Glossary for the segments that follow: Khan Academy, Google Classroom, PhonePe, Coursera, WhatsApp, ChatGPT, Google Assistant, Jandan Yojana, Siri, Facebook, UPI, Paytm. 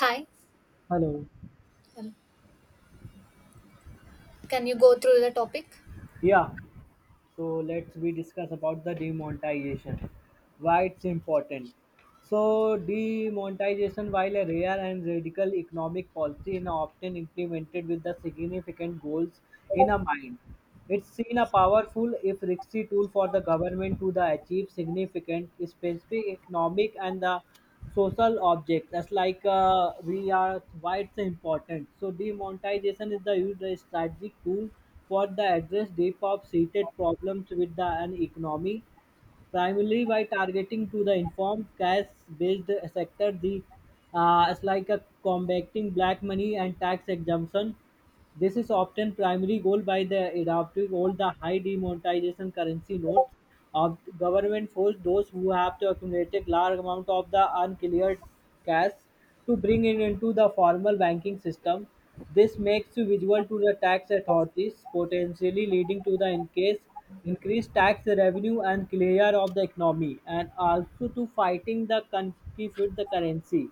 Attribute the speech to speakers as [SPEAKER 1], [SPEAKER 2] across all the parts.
[SPEAKER 1] Hi,
[SPEAKER 2] Hello.
[SPEAKER 1] um, can you go through the topic?
[SPEAKER 2] Yeah. So let's we discuss about the demonetization. Why it's important. So demonetization, while a rare and radical economic policy, is often implemented with the significant goals in a mind. It's seen a powerful, if risky, tool for the government to the achieve significant specific economic and the social objects. That's like we are why it's important. So demonetization is the used as strategic tool for the address deep of seated problems with the an economy, primarily by targeting to the informed cash-based sector. The It's like a combating black money and tax exemption. This is often primary goal by the adoptive all the high demonetization currency notes of government forced those who have to accumulate large amount of the uncleared cash to bring it into the formal banking system. This makes you visible to the tax authorities, potentially leading to the increased tax revenue and clear of the economy and also to fighting the counterfeit the currency.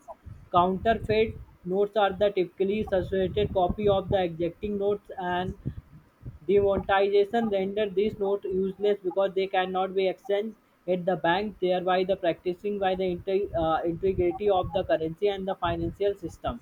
[SPEAKER 2] Counterfeit notes are the typically substituted copy of the existing notes, and demonetization renders these notes useless because they cannot be exchanged at the bank, thereby the practicing by the integrity of the currency and the financial system.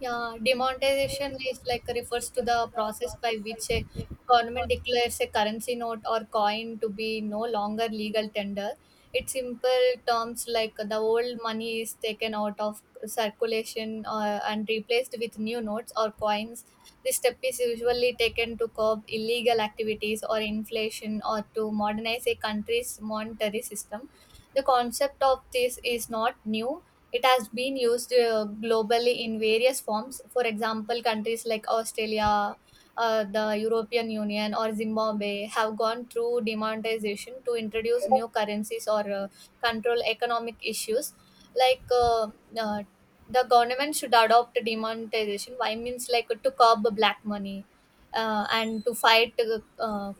[SPEAKER 1] Yeah, demonetization is like refers to the process by which a government declares a currency note or coin to be no longer legal tender. It's simple terms like the old money is taken out of circulation, and replaced with new notes or coins. This step is usually taken to curb illegal activities or inflation or to modernize a country's monetary system. The concept of this is not new. It has been used globally in various forms. For example, countries like Australia, the European Union, or Zimbabwe have gone through demonetization to introduce new currencies or control economic issues like uh, the government should adopt demonetization why means like to curb black money and to fight uh,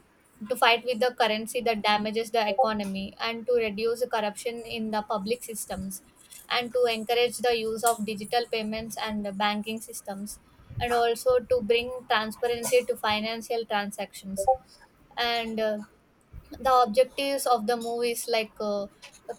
[SPEAKER 1] to fight with the currency that damages the economy and to reduce corruption in the public systems and to encourage the use of digital payments and the banking systems and also to bring transparency to financial transactions. And The objectives of the movie is like,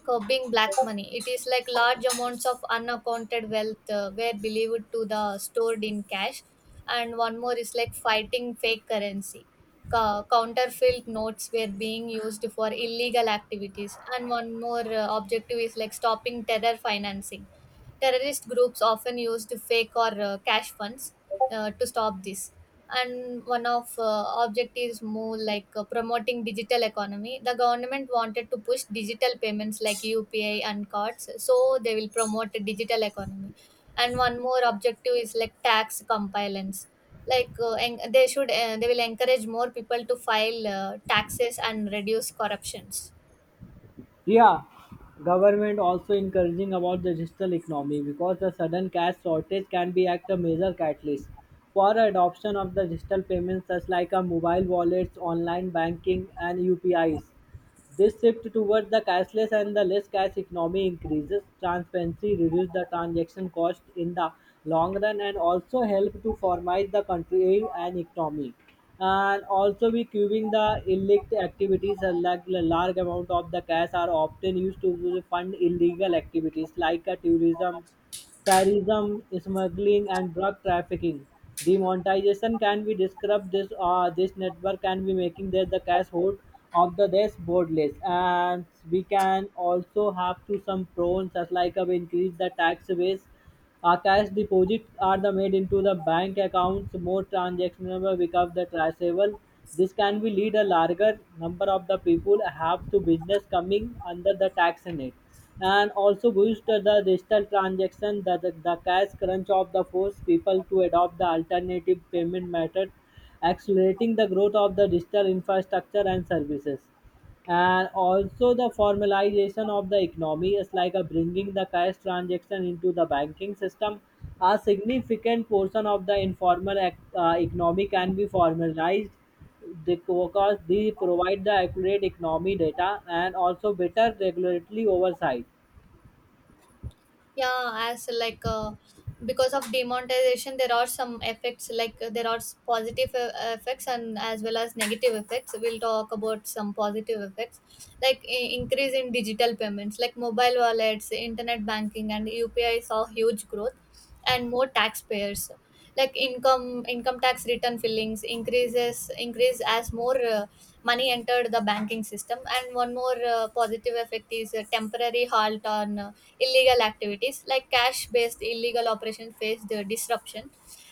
[SPEAKER 1] curbing black money, it is like large amounts of unaccounted wealth were believed to the stored in cash. And one more is like fighting fake currency. Counterfeit notes were being used for illegal activities. And one more, objective is like stopping terror financing. Terrorist groups often used fake or cash funds to stop this. And one of objectives more like, promoting digital economy. The government wanted to push digital payments like UPI and cards, so they will promote a digital economy. And one more objective is like tax compliance, like they will encourage more people to file taxes and reduce corruptions.
[SPEAKER 2] Yeah, government also encouraging about the digital economy because the sudden cash shortage can be act a major catalyst for adoption of the digital payments such like a mobile wallets, online banking, and UPIs. This shift towards the cashless and the less cash economy increases transparency, reduces the transaction cost in the long run, and also help to formalize the country and economy. And also, we curbing the illicit activities. Like a large amount of the cash are often used to fund illegal activities like tourism, terrorism, smuggling, and drug trafficking. Demonetization can be described this network can be making that the cash hold of the desk borderless, and we can also have to some prawns as like a increase the tax base. Cash deposits are the made into the bank accounts, more transactions become the traceable. This can be lead a larger number of the people have to business coming under the tax in it. And also boost the digital transaction, the cash crunch of the force people to adopt the alternative payment method, accelerating the growth of the digital infrastructure and services, and also the formalization of the economy is like a bringing the cash transaction into the banking system. A significant portion of the informal economy can be formalized because they provide the accurate economy data and also better regulatory oversight.
[SPEAKER 1] Yeah as like Because of demonetization there are some effects, like, positive effects and as well as negative effects. We'll talk about some positive effects, like increase in digital payments like mobile wallets, internet banking, and upi saw huge growth, and more taxpayers, like income tax return fillings increase as more money entered the banking system. And one more positive effect is a temporary halt on illegal activities, like cash based illegal operation faced disruption.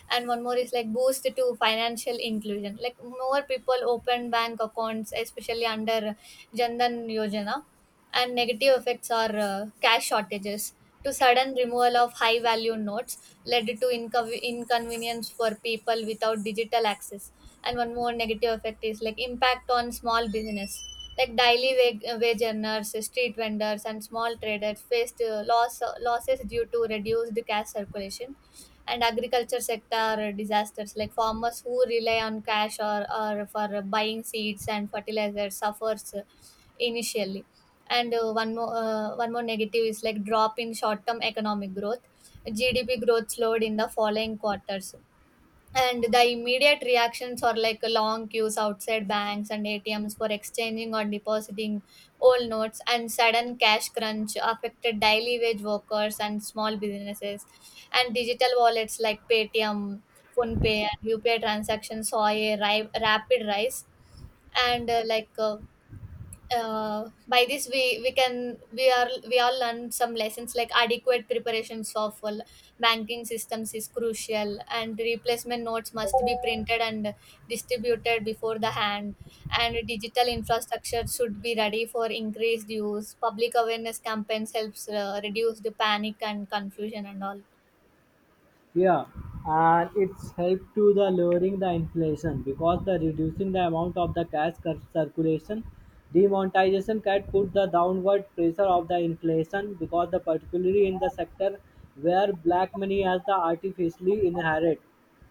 [SPEAKER 1] And one more is like boost to financial inclusion. Like more people open bank accounts, especially under Jandan Yojana. And negative effects are, cash shortages to sudden removal of high value notes led to inconvenience for people without digital access. And one more negative effect is like impact on small business, like daily wage earners, street vendors, and small traders faced losses due to reduced cash circulation. And agriculture sector disasters, like farmers who rely on cash or for buying seeds and fertilizers suffers initially. And one more negative is like drop in short term economic growth. GDP growth slowed in the following quarters. And the immediate reactions are like long queues outside banks and ATMs for exchanging or depositing old notes, and sudden cash crunch affected daily wage workers and small businesses. And digital wallets like Paytm, PhonePe, and UPI transactions saw a rapid rise. And like By this we can we are we all learn some lessons, like adequate preparations of well, banking systems is crucial, and replacement notes must be printed and distributed before the hand, and digital infrastructure should be ready for increased use. Public awareness campaigns helps reduce the panic and confusion and all.
[SPEAKER 2] Yeah, and it's helped to the lowering the inflation because the reducing the amount of the cash circulation, demonetization can put the downward pressure of the inflation, because the particularly in the sector where black money has the artificially inherit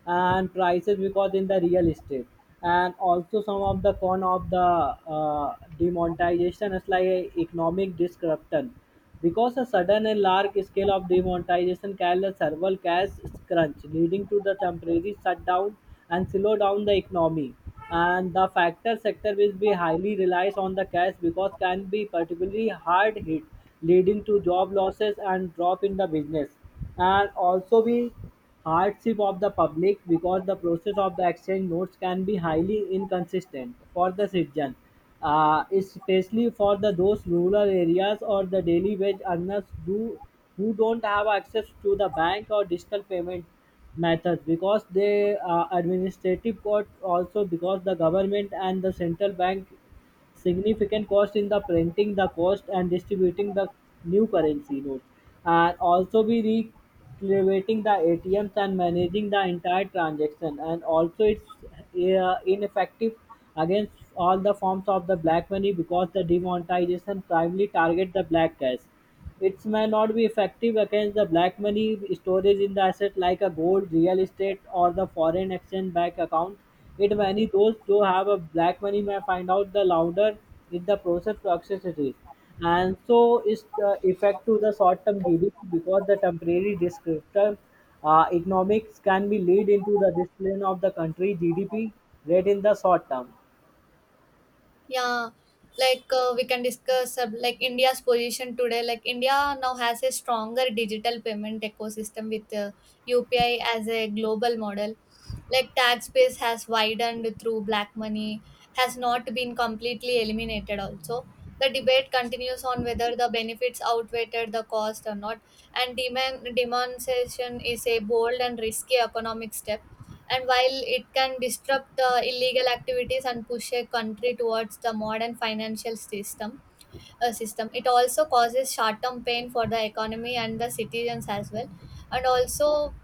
[SPEAKER 2] and prices because in the real estate. And also some of the con of the demonetization is like a economic disruption, because a sudden and large scale of demonetization can the several cash crunch leading to the temporary shutdown and slow down the economy, and the factor sector will be highly relies on the cash because can be particularly hard hit leading to job losses and drop in the business. And also be hardship of the public, because the process of the exchange notes can be highly inconsistent for the citizen, especially for the those rural areas or the daily wage earners do, who don't have access to the bank or digital payment methods. Because the administrative court, also because the government and the central bank significant cost in the printing the cost and distributing the new currency notes, and also be recreating the ATMs and managing the entire transaction. And also it's ineffective against all the forms of the black money, because the demonetization primarily target the black cash. It may not be effective against the black money storage in the asset like a gold, real estate, or the foreign exchange bank account. It many those who have a black money may find out the louder in the process to access it is. And so it's the effect to the short-term GDP, because the temporary descriptor economics can be lead into the discipline of the country GDP rate in the short term.
[SPEAKER 1] Yeah, like, we can discuss, like India's position today. Like India now has a stronger digital payment ecosystem with UPI as a global model. Like tax base has widened through black money, has not been completely eliminated. Also, the debate continues on whether the benefits outweighed the cost or not, and demand demonetization is a bold and risky economic step, and while it can disrupt the illegal activities and push a country towards the modern financial system, it also causes short-term pain for the economy and the citizens as well. And also,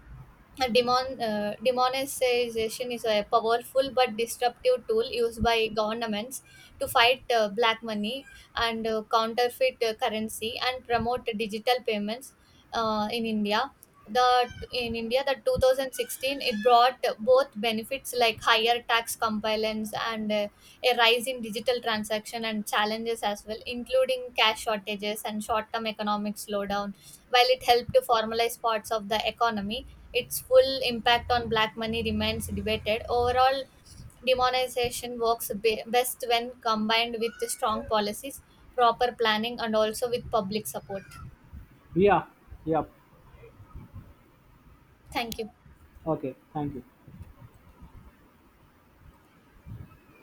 [SPEAKER 1] demonetization is a powerful but disruptive tool used by governments to fight black money and counterfeit currency and promote digital payments in India. In India, the 2016, it brought both benefits like higher tax compliance and, a rise in digital transaction, and challenges as well, including cash shortages and short-term economic slowdown. While it helped to formalize parts of the economy, its full impact on black money remains debated. Overall, demonization works best when combined with strong policies, proper planning, and also with public support.
[SPEAKER 2] Yeah, yeah.
[SPEAKER 1] Thank you.
[SPEAKER 2] Okay, thank you.